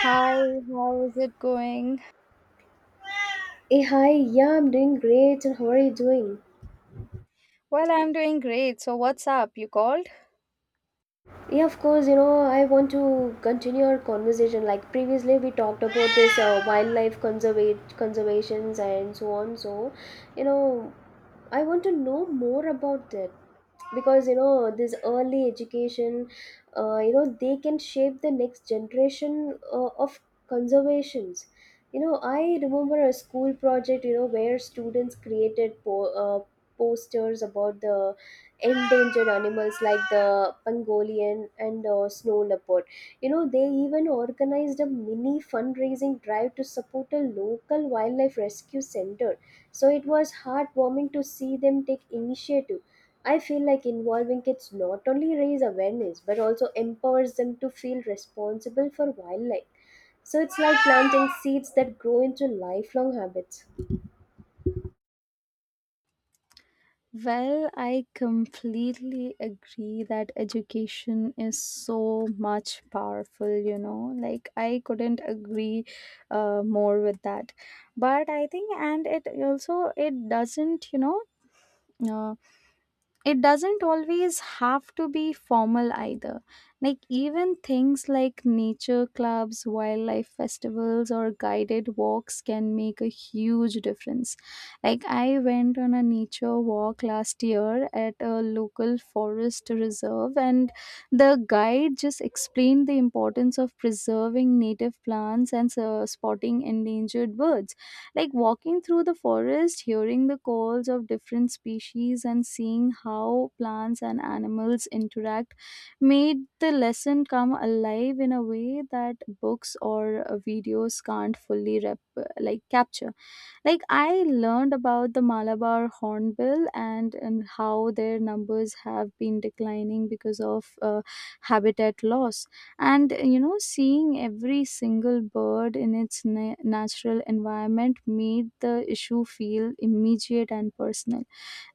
Hi, how is it going? Hey, hi, yeah, I'm doing great. And how are you doing? Well, I'm doing great. So, what's up? You called? Yeah, of course, you know, I want to continue our conversation. Like previously, we talked about this wildlife conservate conservations and so on. So, you know, I want to know more about that. Because you know this early education, you know they can shape the next generation of conservations. You know I remember a school project, you know, where students created posters about the endangered animals like the pangolin and snow leopard. You know, they even organized a mini fundraising drive to support a local wildlife rescue center, so it was heartwarming to see them take initiative. I feel like involving kids not only raise awareness but also empowers them to feel responsible for wildlife. So it's like planting seeds that grow into lifelong habits. Well, I completely agree that education is so much powerful, you know. Like, I couldn't agree more with that. But I think, and it also, it doesn't, you know, uh, it doesn't always have to be formal either. Like, even things like nature clubs, wildlife festivals, or guided walks can make a huge difference. Like, I went on a nature walk last year at a local forest reserve, and the guide just explained the importance of preserving native plants and spotting endangered birds, like walking through the forest, hearing the calls of different species and seeing how plants and animals interact made the lesson come alive in a way that books or videos can't fully capture. Like I learned about the Malabar hornbill, and how their numbers have been declining because of habitat loss. And you know, seeing every single bird in its natural environment made the issue feel immediate and personal.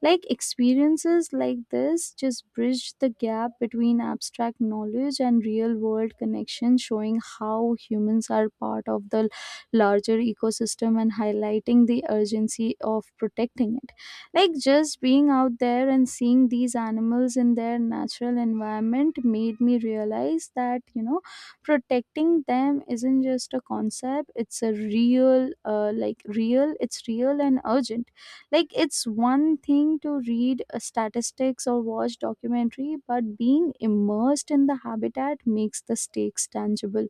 Like experiences like this just bridge the gap between abstract knowledge and real world connection, showing how humans are part of the larger ecosystem and highlighting the urgency of protecting it. Like just being out there and seeing these animals in their natural environment made me realize that, you know, protecting them isn't just a concept, it's a real, it's real and urgent. Like it's one thing to read statistics or watch documentary, but being immersed in the habitat makes the stakes tangible.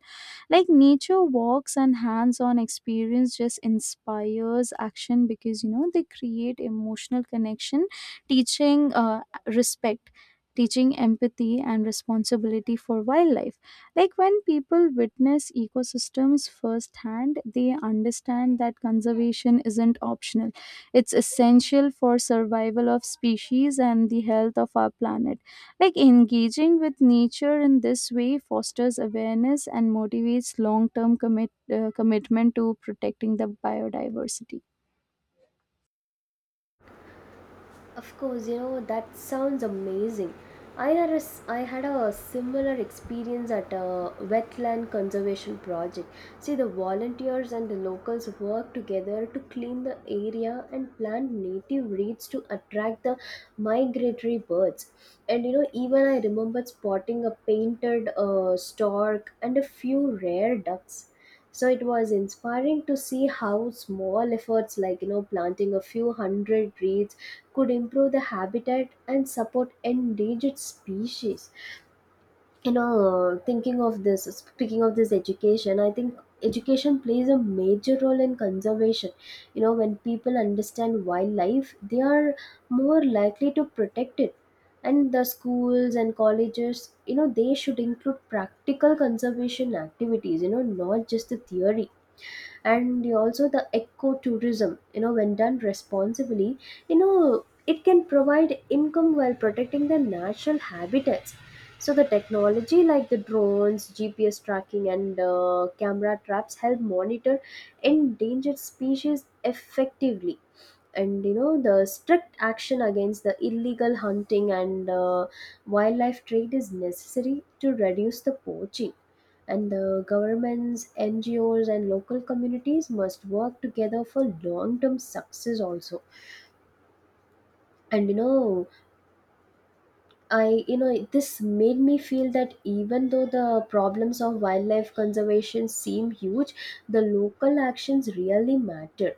Like nature walks and hands-on experience just inspires action because you know they create emotional connection, teaching respect, teaching empathy and responsibility for wildlife. Like when people witness ecosystems firsthand, they understand that conservation isn't optional, it's essential for survival of species and the health of our planet. Like engaging with nature in this way fosters awareness and motivates long term commitment to protecting the biodiversity. Of course, you know, that sounds amazing. I had a similar experience at a wetland conservation project. See, the volunteers and the locals worked together to clean the area and plant native reeds to attract the migratory birds. And you know, even I remember spotting a painted stork and a few rare ducks. So it was inspiring to see how small efforts like, you know, planting a few hundred reeds could improve the habitat and support endangered species. You know, thinking of this speaking of this education, I think education plays a major role in conservation. You know, when people understand wildlife, they are more likely to protect it. And the schools and colleges, you know, they should include practical conservation activities, you know, not just the theory. And also the ecotourism, you know, when done responsibly, you know, it can provide income while protecting the natural habitats. So the technology like the drones, gps tracking, and camera traps help monitor endangered species effectively. And you know, the strict action against the illegal hunting and wildlife trade is necessary to reduce the poaching. And the governments, NGOs, and local communities must work together for long-term success also. And you know, I you know, this made me feel that even though the problems of wildlife conservation seem huge, the local actions really matter.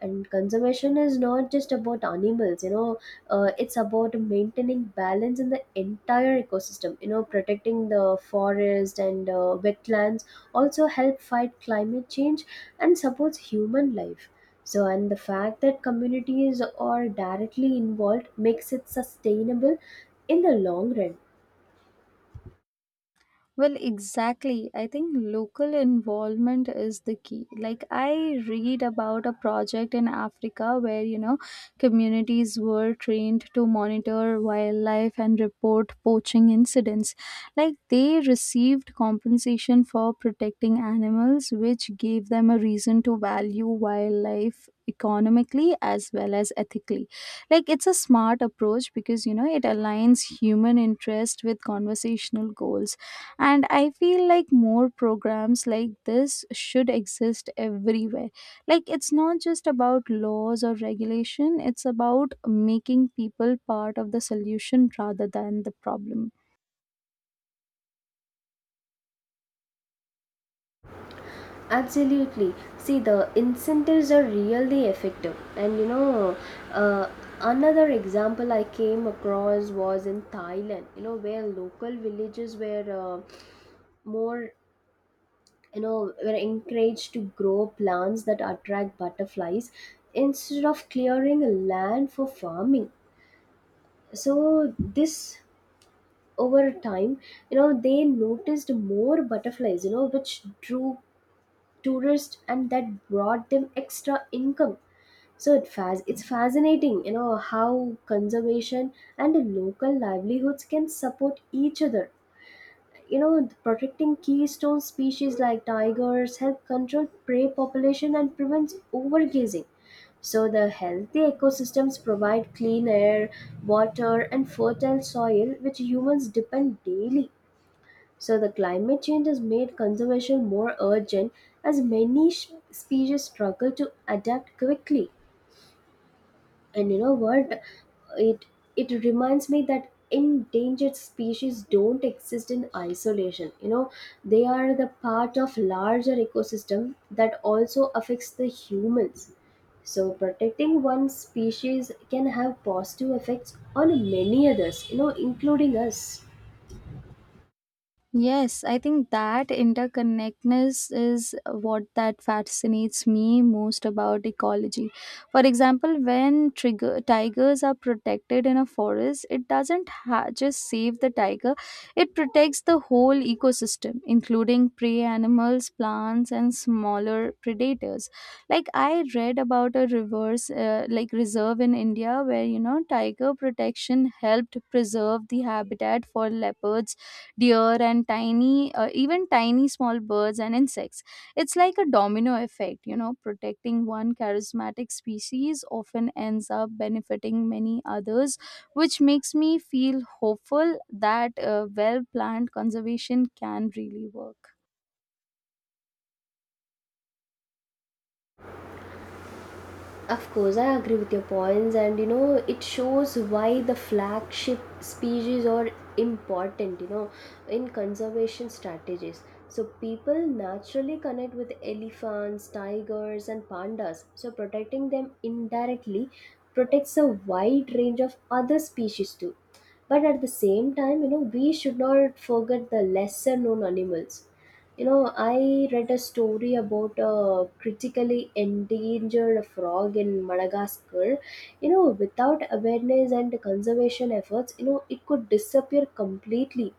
And conservation is not just about animals, you know, it's about maintaining balance in the entire ecosystem. You know, protecting the forest and wetlands also help fight climate change and supports human life. So, and the fact that communities are directly involved makes it sustainable in the long run. Well, exactly. I think local involvement is the key. Like, I read about a project in Africa where, you know, communities were trained to monitor wildlife and report poaching incidents. Like, they received compensation for protecting animals, which gave them a reason to value wildlife economically as well as ethically. Like it's a smart approach because you know it aligns human interest with conversational goals, and I feel like more programs like this should exist everywhere. Like it's not just about laws or regulation, it's about making people part of the solution rather than the problem. Absolutely. See, the incentives are really effective. And you know, uh, another example I came across was in Thailand, you know, where local villages were more, you know, were encouraged to grow plants that attract butterflies instead of clearing land for farming. So, this over time, you know, they noticed more butterflies, you know, which drew tourists, and that brought them extra income. So it it's fascinating, you know, how conservation and local livelihoods can support each other. You know, protecting keystone species like tigers help control prey population and prevents overgazing. So the healthy ecosystems provide clean air, water, and fertile soil, which humans depend daily. So the climate change has made conservation more urgent, as many species struggle to adapt quickly. And you know what? It it reminds me that endangered species don't exist in isolation. You know, they are the part of larger ecosystem that also affects the humans. So protecting one species can have positive effects on many others, you know, including us. Yes, I think that interconnectedness is what that fascinates me most about ecology. For example, when tigers are protected in a forest, it doesn't ha- just save the tiger, it protects the whole ecosystem, including prey animals, plants, and smaller predators. Like I read about a reverse, like reserve in India where you know tiger protection helped preserve the habitat for leopards, deer and tiny small birds and insects. It's like a domino effect, you know, protecting one charismatic species often ends up benefiting many others, which makes me feel hopeful that well planned conservation can really work. Of course, I agree with your points, and you know, it shows why the flagship species are important, you know, in conservation strategies. So, people naturally connect with elephants, tigers, and pandas. So, protecting them indirectly protects a wide range of other species too. But at the same time, you know, we should not forget the lesser known animals. You know, I read a story about a critically endangered frog in Madagascar. You know, without awareness and conservation efforts, you know, it could disappear completely.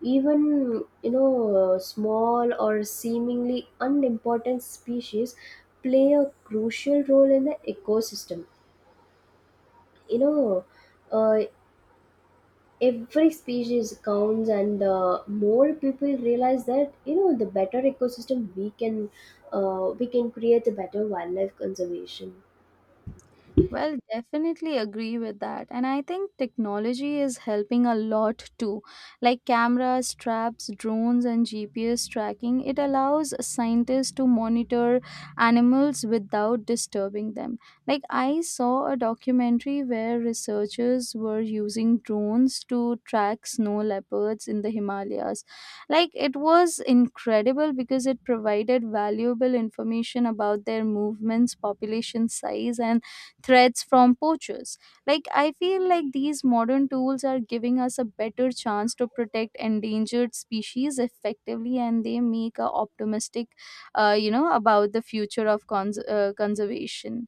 Even, you know, small or seemingly unimportant species play a crucial role in the ecosystem. You know, uh, every species counts, and more people realize that, you know, the better ecosystem we can create, the better wildlife conservation. Well, definitely agree with that. And I think technology is helping a lot too. Like cameras, traps, drones, and GPS tracking, it allows scientists to monitor animals without disturbing them. Like I saw a documentary where researchers were using drones to track snow leopards in the Himalayas. Like it was incredible because it provided valuable information about their movements, population size, and threats from poachers. Like, I feel like these modern tools are giving us a better chance to protect endangered species effectively, and they make a optimistic, you know, about the future of conservation.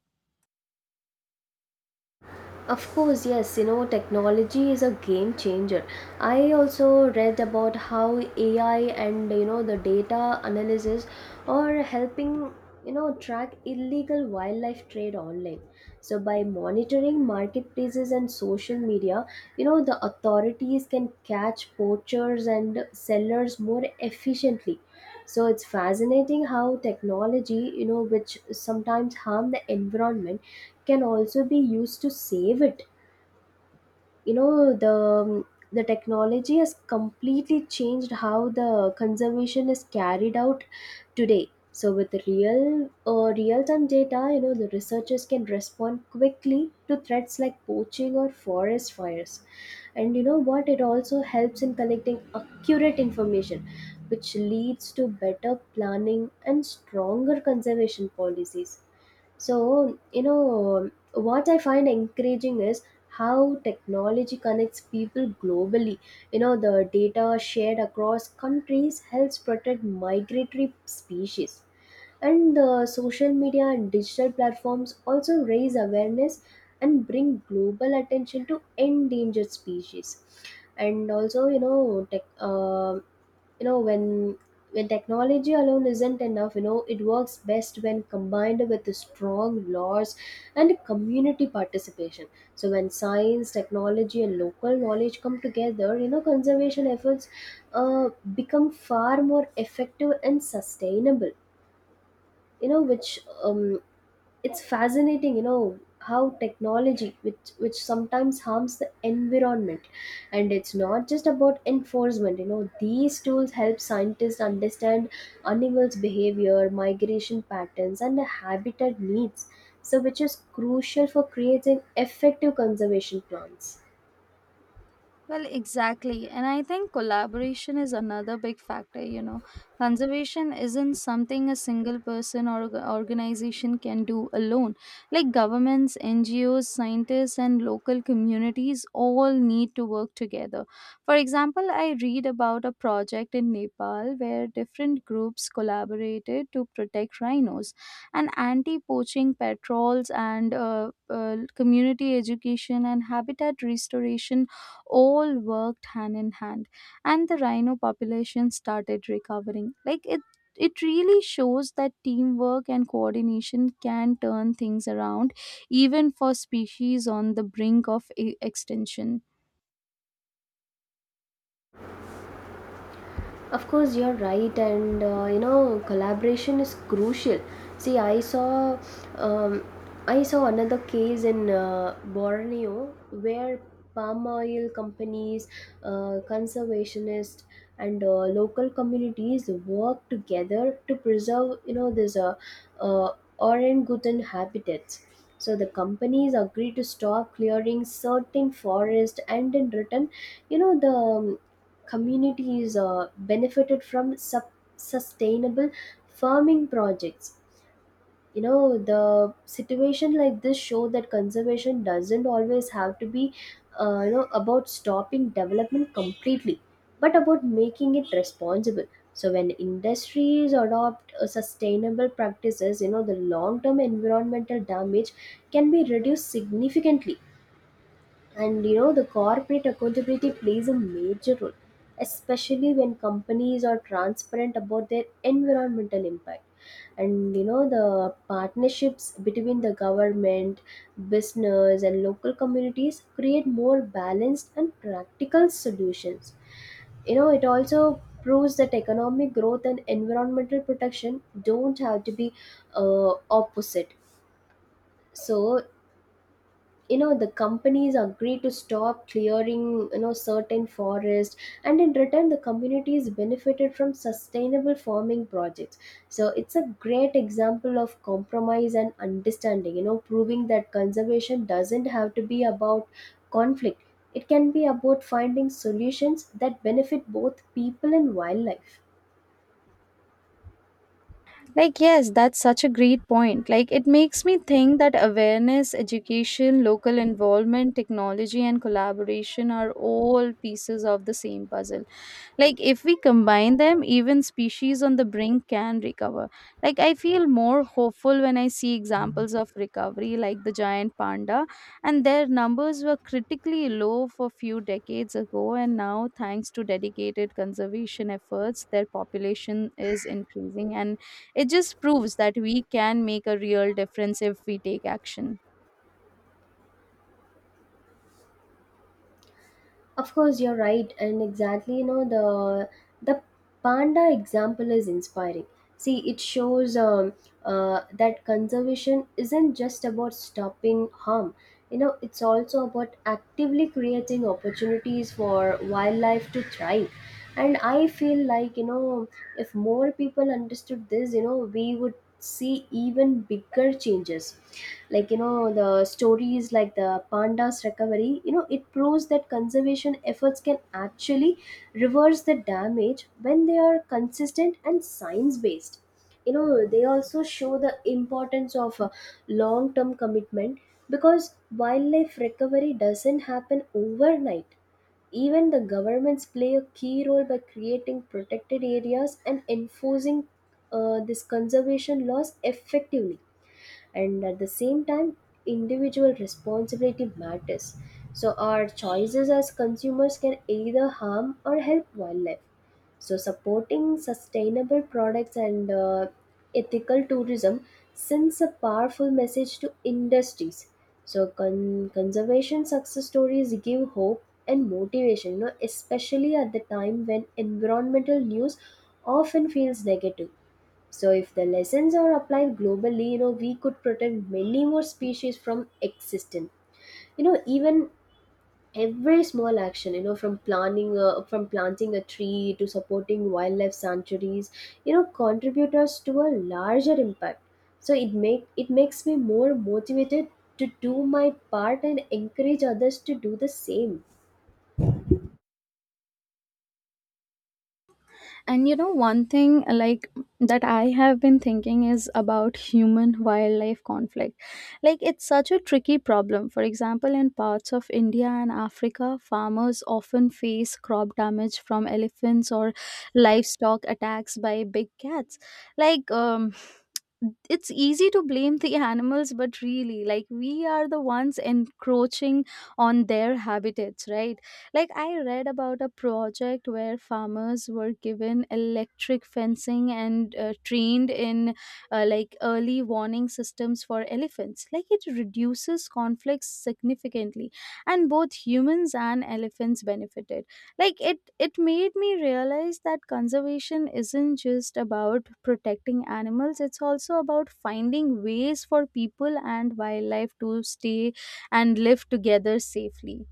Of course, yes, you know, technology is a game changer. I also read about how AI and, you know, the data analysis are helping, you know, track illegal wildlife trade online. So by monitoring marketplaces and social media, you know, the authorities can catch poachers and sellers more efficiently. So it's fascinating how technology, you know, which sometimes harm the environment, can also be used to save it. You know, the technology has completely changed how the conservation is carried out today. So with real time data, you know, the researchers can respond quickly to threats like poaching or forest fires. And you know what? It also helps in collecting accurate information, which leads to better planning and stronger conservation policies. So, you know, what I find encouraging is how technology connects people globally. You know, the data shared across countries helps protect migratory species. And the social media and digital platforms also raise awareness and bring global attention to endangered species. And also, you know, tech, you know when technology alone isn't enough, you know, it works best when combined with the strong laws and community participation. So when science, technology, and local knowledge come together, you know, conservation efforts uh, become far more effective and sustainable. You know, which um, it's fascinating, you know, how technology which sometimes harms the environment. And it's not just about enforcement, you know, these tools help scientists understand animals behavior, migration patterns, and the habitat needs. So which is crucial for creating effective conservation plans. Well, exactly. And I think collaboration is another big factor, you know. Conservation isn't something a single person or organization can do alone. Like governments, NGOs, scientists, and local communities all need to work together. For example, I read about a project in Nepal where different groups collaborated to protect rhinos, and anti poaching patrols, and community education and habitat restoration all worked hand in hand, and the rhino population started recovering. Like it really shows that teamwork and coordination can turn things around even for species on the brink of extinction. Of course, you're right, and you know, collaboration is crucial. See, um, I saw another case in Borneo where palm oil companies, conservationists, and local communities work together to preserve, you know, this uh, orangutan habitats. So the companies agree to stop clearing certain forest, and in return, you know, the communities benefited from sustainable farming projects. You know, the situation like this show that conservation doesn't always have to be, you know, about stopping development completely, but about making it responsible. So when industries adopt sustainable practices, you know, the long term environmental damage can be reduced significantly. And you know, the corporate accountability plays a major role, especially when companies are transparent about their environmental impact. And you know, the partnerships between the government, business, and local communities create more balanced and practical solutions. You know, it also proves that economic growth and environmental protection don't have to be opposite. So, you know, the companies agree to stop clearing, you know, certain forest, and in return the communities benefited from sustainable farming projects. So it's a great example of compromise and understanding, you know, proving that conservation doesn't have to be about conflict. It can be about finding solutions that benefit both people and wildlife. Like yes, that's such a great point. Like it makes me think that awareness, education, local involvement, technology and collaboration are all pieces of the same puzzle. Like if we combine them, even species on the brink can recover. Like I feel more hopeful when I see examples of recovery like the giant panda, and their numbers were critically low for few decades ago and now thanks to dedicated conservation efforts their population is increasing, and it just proves that we can make a real difference if we take action. Of course, you're right, and exactly, you know, the panda example is inspiring. See, it shows that conservation isn't just about stopping harm. You know, it's also about actively creating opportunities for wildlife to thrive. And I feel like, you know, if more people understood this, you know, we would see even bigger changes. Like, you know, the stories like the pandas recovery, you know, it proves that conservation efforts can actually reverse the damage when they are consistent and science based. You know, they also show the importance of long term commitment, because wildlife recovery doesn't happen overnight. Even the governments play a key role by creating protected areas and enforcing this conservation laws effectively. And at the same time, individual responsibility matters. So our choices as consumers can either harm or help wildlife. So supporting sustainable products and ethical tourism sends a powerful message to industries. So conservation success stories give hope and motivation, you know, especially at the time when environmental news often feels negative. So if the lessons are applied globally, you know, we could protect many more species from extinction. You know, even every small action, you know, from planting a tree to supporting wildlife sanctuaries, you know, contribute us to a larger impact. So it makes me more motivated to do my part and encourage others to do the same. And you know, one thing like that I have been thinking is about human wildlife conflict. Like, it's such a tricky problem. For example, in parts of India and Africa, farmers often face crop damage from elephants or livestock attacks by big cats. Like, it's easy to blame the animals, but really, like, we are the ones encroaching on their habitats, right? Like, I read about a project where farmers were given electric fencing and trained in like early warning systems for elephants. Like, it reduces conflicts significantly, and both humans and elephants benefited. Like, it made me realize that conservation isn't just about protecting animals, it's also about finding ways for people and wildlife to stay and live together safely.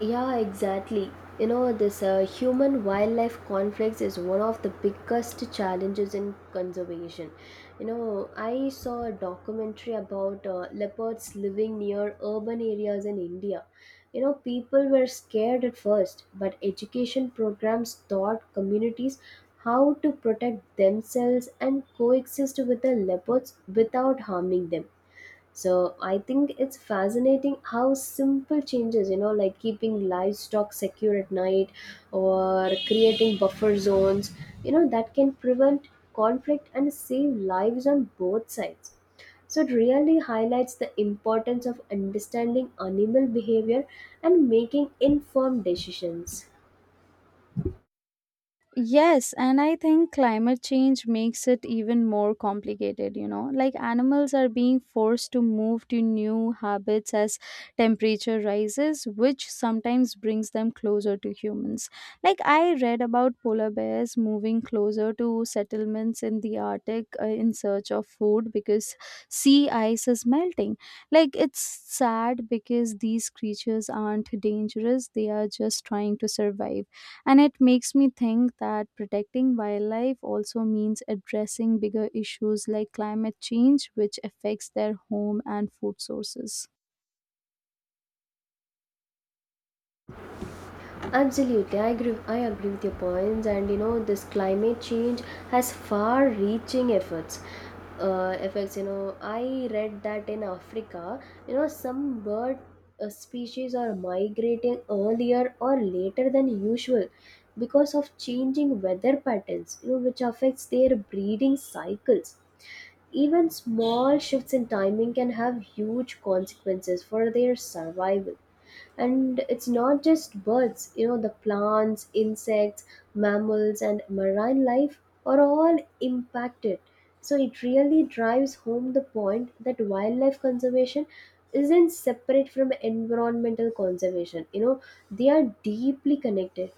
Yeah, exactly. You know, this human wildlife conflicts is one of the biggest challenges in conservation. You know, I saw a documentary about leopards living near urban areas in India. You know, people were scared at first, but education programs taught communities how to protect themselves and coexist with the leopards without harming them. So I think it's fascinating how simple changes, you know, like keeping livestock secure at night or creating buffer zones, you know, that can prevent conflict and save lives on both sides. So it really highlights the importance of understanding animal behavior and making informed decisions. Yes, and I think climate change makes it even more complicated, you know. Like animals are being forced to move to new habits as temperature rises, which sometimes brings them closer to humans. Like I read about polar bears moving closer to settlements in the Arctic in search of food because sea ice is melting. Like it's sad because these creatures aren't dangerous, they are just trying to survive, and it makes me think that protecting wildlife also means addressing bigger issues like climate change, which affects their home and food sources. Absolutely, I agree. I agree with your points, and you know this climate change has far-reaching effects. Effects, you know, I read that in Africa, you know, some bird species are migrating earlier or later than usual because of changing weather patterns, you know, which affects their breeding cycles. Even small shifts in timing can have huge consequences for their survival. And it's not just birds, you know, the plants, insects, mammals, and marine life are all impacted. So it really drives home the point that wildlife conservation isn't separate from environmental conservation. You know, they are deeply connected.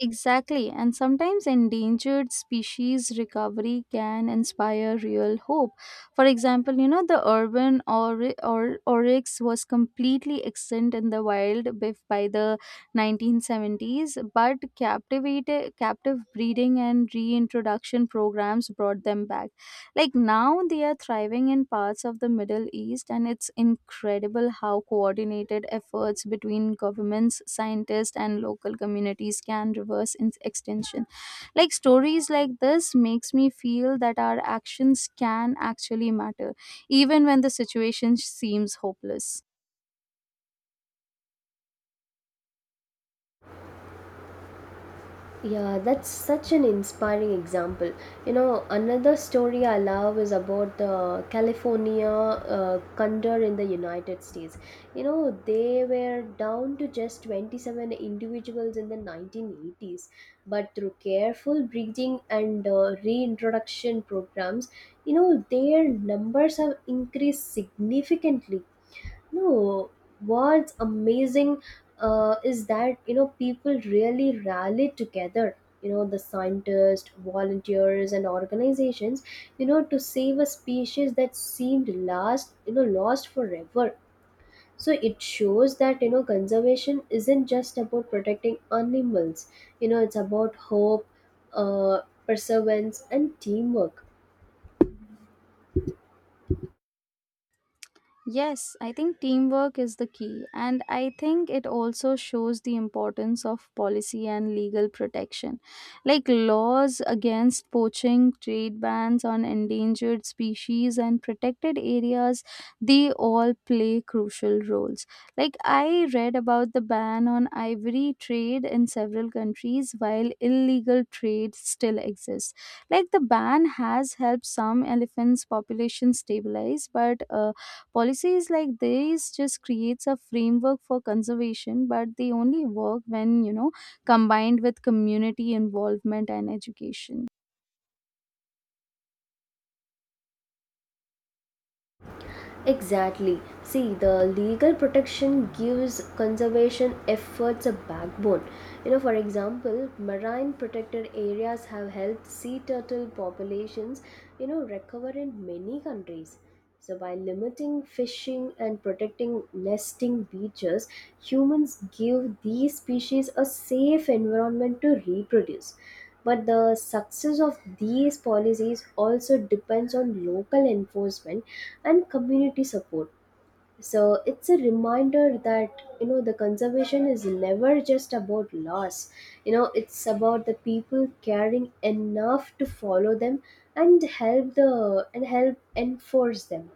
Exactly, and sometimes endangered species recovery can inspire real hope. For example, you know, the urban oryx was completely extinct in the wild by the 1970s, but captive breeding and reintroduction programs brought them back. Like now they are thriving in parts of the Middle East, and it's incredible how coordinated efforts between governments, scientists and local communities can reverse in extinction. Like stories like this makes me feel that our actions can actually matter even when the situation seems hopeless. Yeah, that's such an inspiring example. You know, another story I love is about the California Condor in the United States. You know, they were down to just 27 individuals in the 1980s, but through careful breeding and reintroduction programs, you know, their numbers have increased significantly. No, what's amazing is that you know people really rallied together. You know, the scientists, volunteers, and organizations. You know, to save a species that seemed last, you know, lost forever. So it shows that you know conservation isn't just about protecting animals. You know, it's about hope, uh, perseverance, and teamwork. Yes, I think teamwork is the key, and I think it also shows the importance of policy and legal protection. Like laws against poaching, trade bans on endangered species, and protected areas, they all play crucial roles. Like, I read about the ban on ivory trade in several countries while illegal trade still exists. Like, the ban has helped some elephants' population stabilize, but policies like these just creates a framework for conservation, but they only work when you know combined with community involvement and education. Exactly. See, the legal protection gives conservation efforts a backbone. You know, for example, marine protected areas have helped sea turtle populations, you know, recover in many countries. So, by limiting fishing and protecting nesting beaches, humans give these species a safe environment to reproduce. But the success of these policies also depends on local enforcement and community support. So it's a reminder that you know the conservation is never just about laws. You know, it's about the people caring enough to follow them and help enforce them.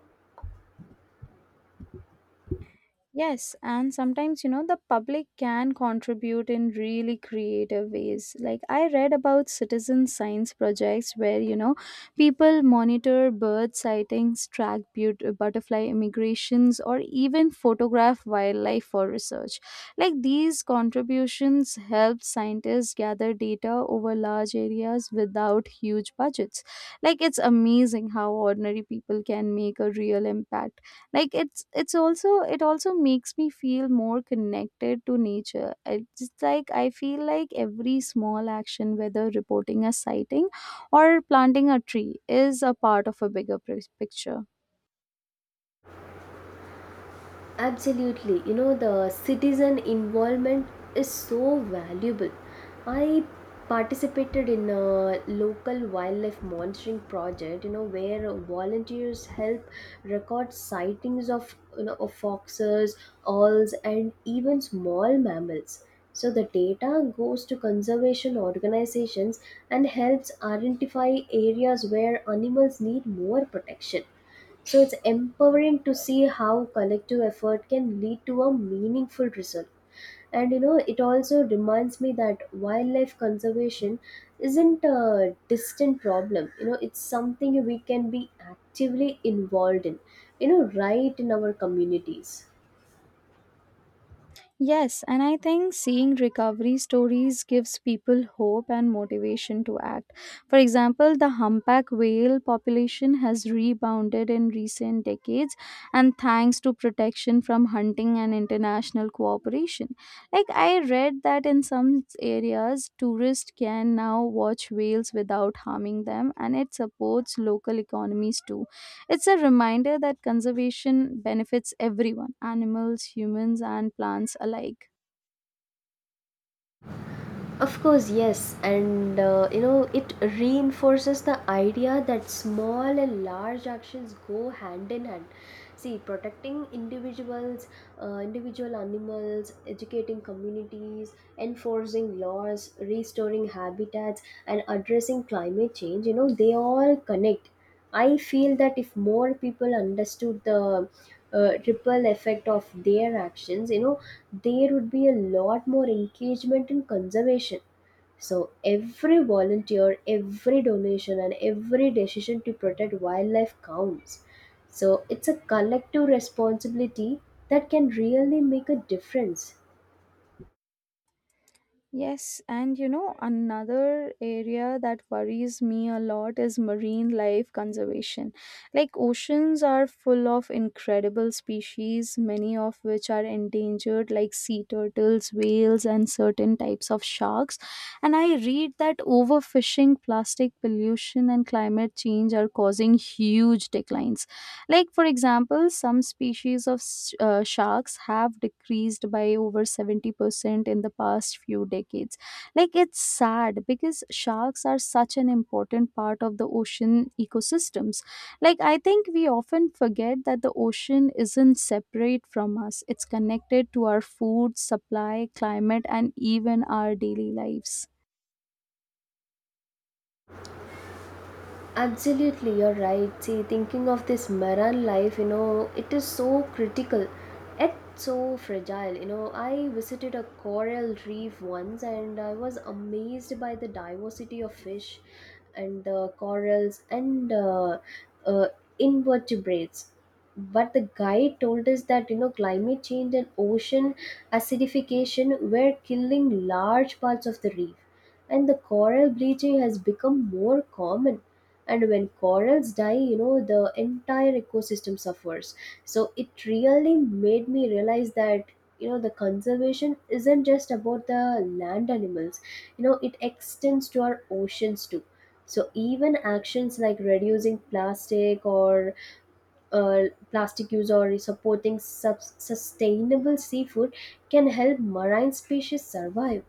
Yes, and sometimes you know the public can contribute in really creative ways. Like I read about citizen science projects where you know people monitor bird sightings, track butterfly immigrations, or even photograph wildlife for research. Like these contributions help scientists gather data over large areas without huge budgets. Like it's amazing how ordinary people can make a real impact. Like it also makes me feel more connected to nature. It's just like I feel like every small action, whether reporting a sighting or planting a tree, is a part of a bigger picture. Absolutely. You know, the citizen involvement is so valuable. I participated in a local wildlife monitoring project, you know, where volunteers help record sightings of, you know, of foxes, owls, and even small mammals. So the data goes to conservation organizations and helps identify areas where animals need more protection, so it's empowering to see how collective effort can lead to a meaningful result. And you know, it also reminds me that wildlife conservation isn't a distant problem. You know, it's something we can be actively involved in, you know, right in our communities. Yes, and I think seeing recovery stories gives people hope and motivation to act. For example, the humpback whale population has rebounded in recent decades and thanks to protection from hunting and international cooperation. Like I read that in some areas tourists can now watch whales without harming them and it supports local economies too. It's a reminder that conservation benefits everyone, animals, humans, and plants alike. Of course, yes, and you know, it reinforces the idea that small and large actions go hand in hand. See, protecting individuals, individual animals, educating communities, enforcing laws, restoring habitats, and addressing climate change, you know, they all connect. I feel that if more people understood the ripple effect of their actions, you know, there would be a lot more engagement in conservation. So every volunteer, every donation, and every decision to protect wildlife counts. So it's a collective responsibility that can really make a difference. Yes, and you know, another area that worries me a lot is marine life conservation. Like, oceans are full of incredible species, many of which are endangered, like sea turtles, whales, and certain types of sharks. And I read that overfishing, plastic pollution, and climate change are causing huge declines. Like, for example, some species of sharks have decreased by over 70% in the past few decades. Like, it's sad because sharks are such an important part of the ocean ecosystems. Like, I think we often forget that the ocean isn't separate from us, it's connected to our food, supply, climate, and even our daily lives. Absolutely, you're right. See, thinking of this marine life, you know, it is so critical yet so fragile. You know, I visited a coral reef once and I was amazed by the diversity of fish and the corals and uh, invertebrates. But the guide told us that, you know, climate change and ocean acidification were killing large parts of the reef. And the coral bleaching has become more common, and when corals die, you know, the entire ecosystem suffers. So it really made me realize that you know the conservation isn't just about the land animals. You know, it extends to our oceans too. So even actions like reducing plastic or uh, plastic use or supporting sustainable seafood can help marine species survive.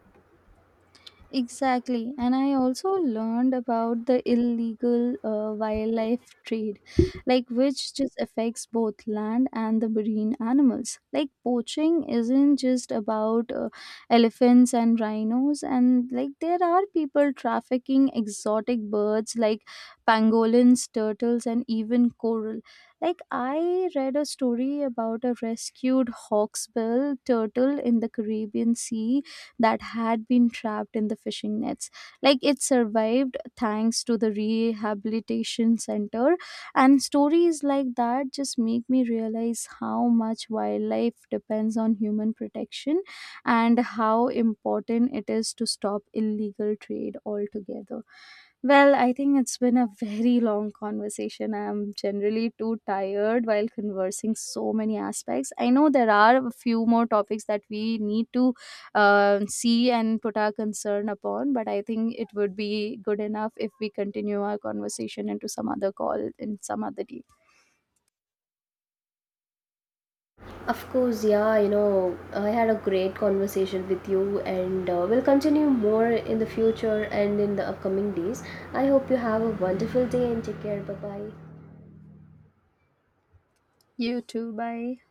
Exactly. And I also learned about the illegal wildlife trade, like which just affects both land and the marine animals. Like poaching isn't just about elephants and rhinos, and like there are people trafficking exotic birds like pangolins, turtles, and even coral. Like I read a story about a rescued hawksbill turtle in the Caribbean Sea that had been trapped in the fishing nets. Like it survived thanks to the rehabilitation center. And stories like that just make me realize how much wildlife depends on human protection and how important it is to stop illegal trade altogether. Well, I think it's been a very long conversation. I'm generally too tired while conversing so many aspects. I know there are a few more topics that we need to see and put our concern upon. But I think it would be good enough if we continue our conversation into some other call in some other day. Of course, yeah, you know, I had a great conversation with you, and we'll continue more in the future and in the upcoming days. I hope you have a wonderful day and take care. Bye bye. You too. Bye.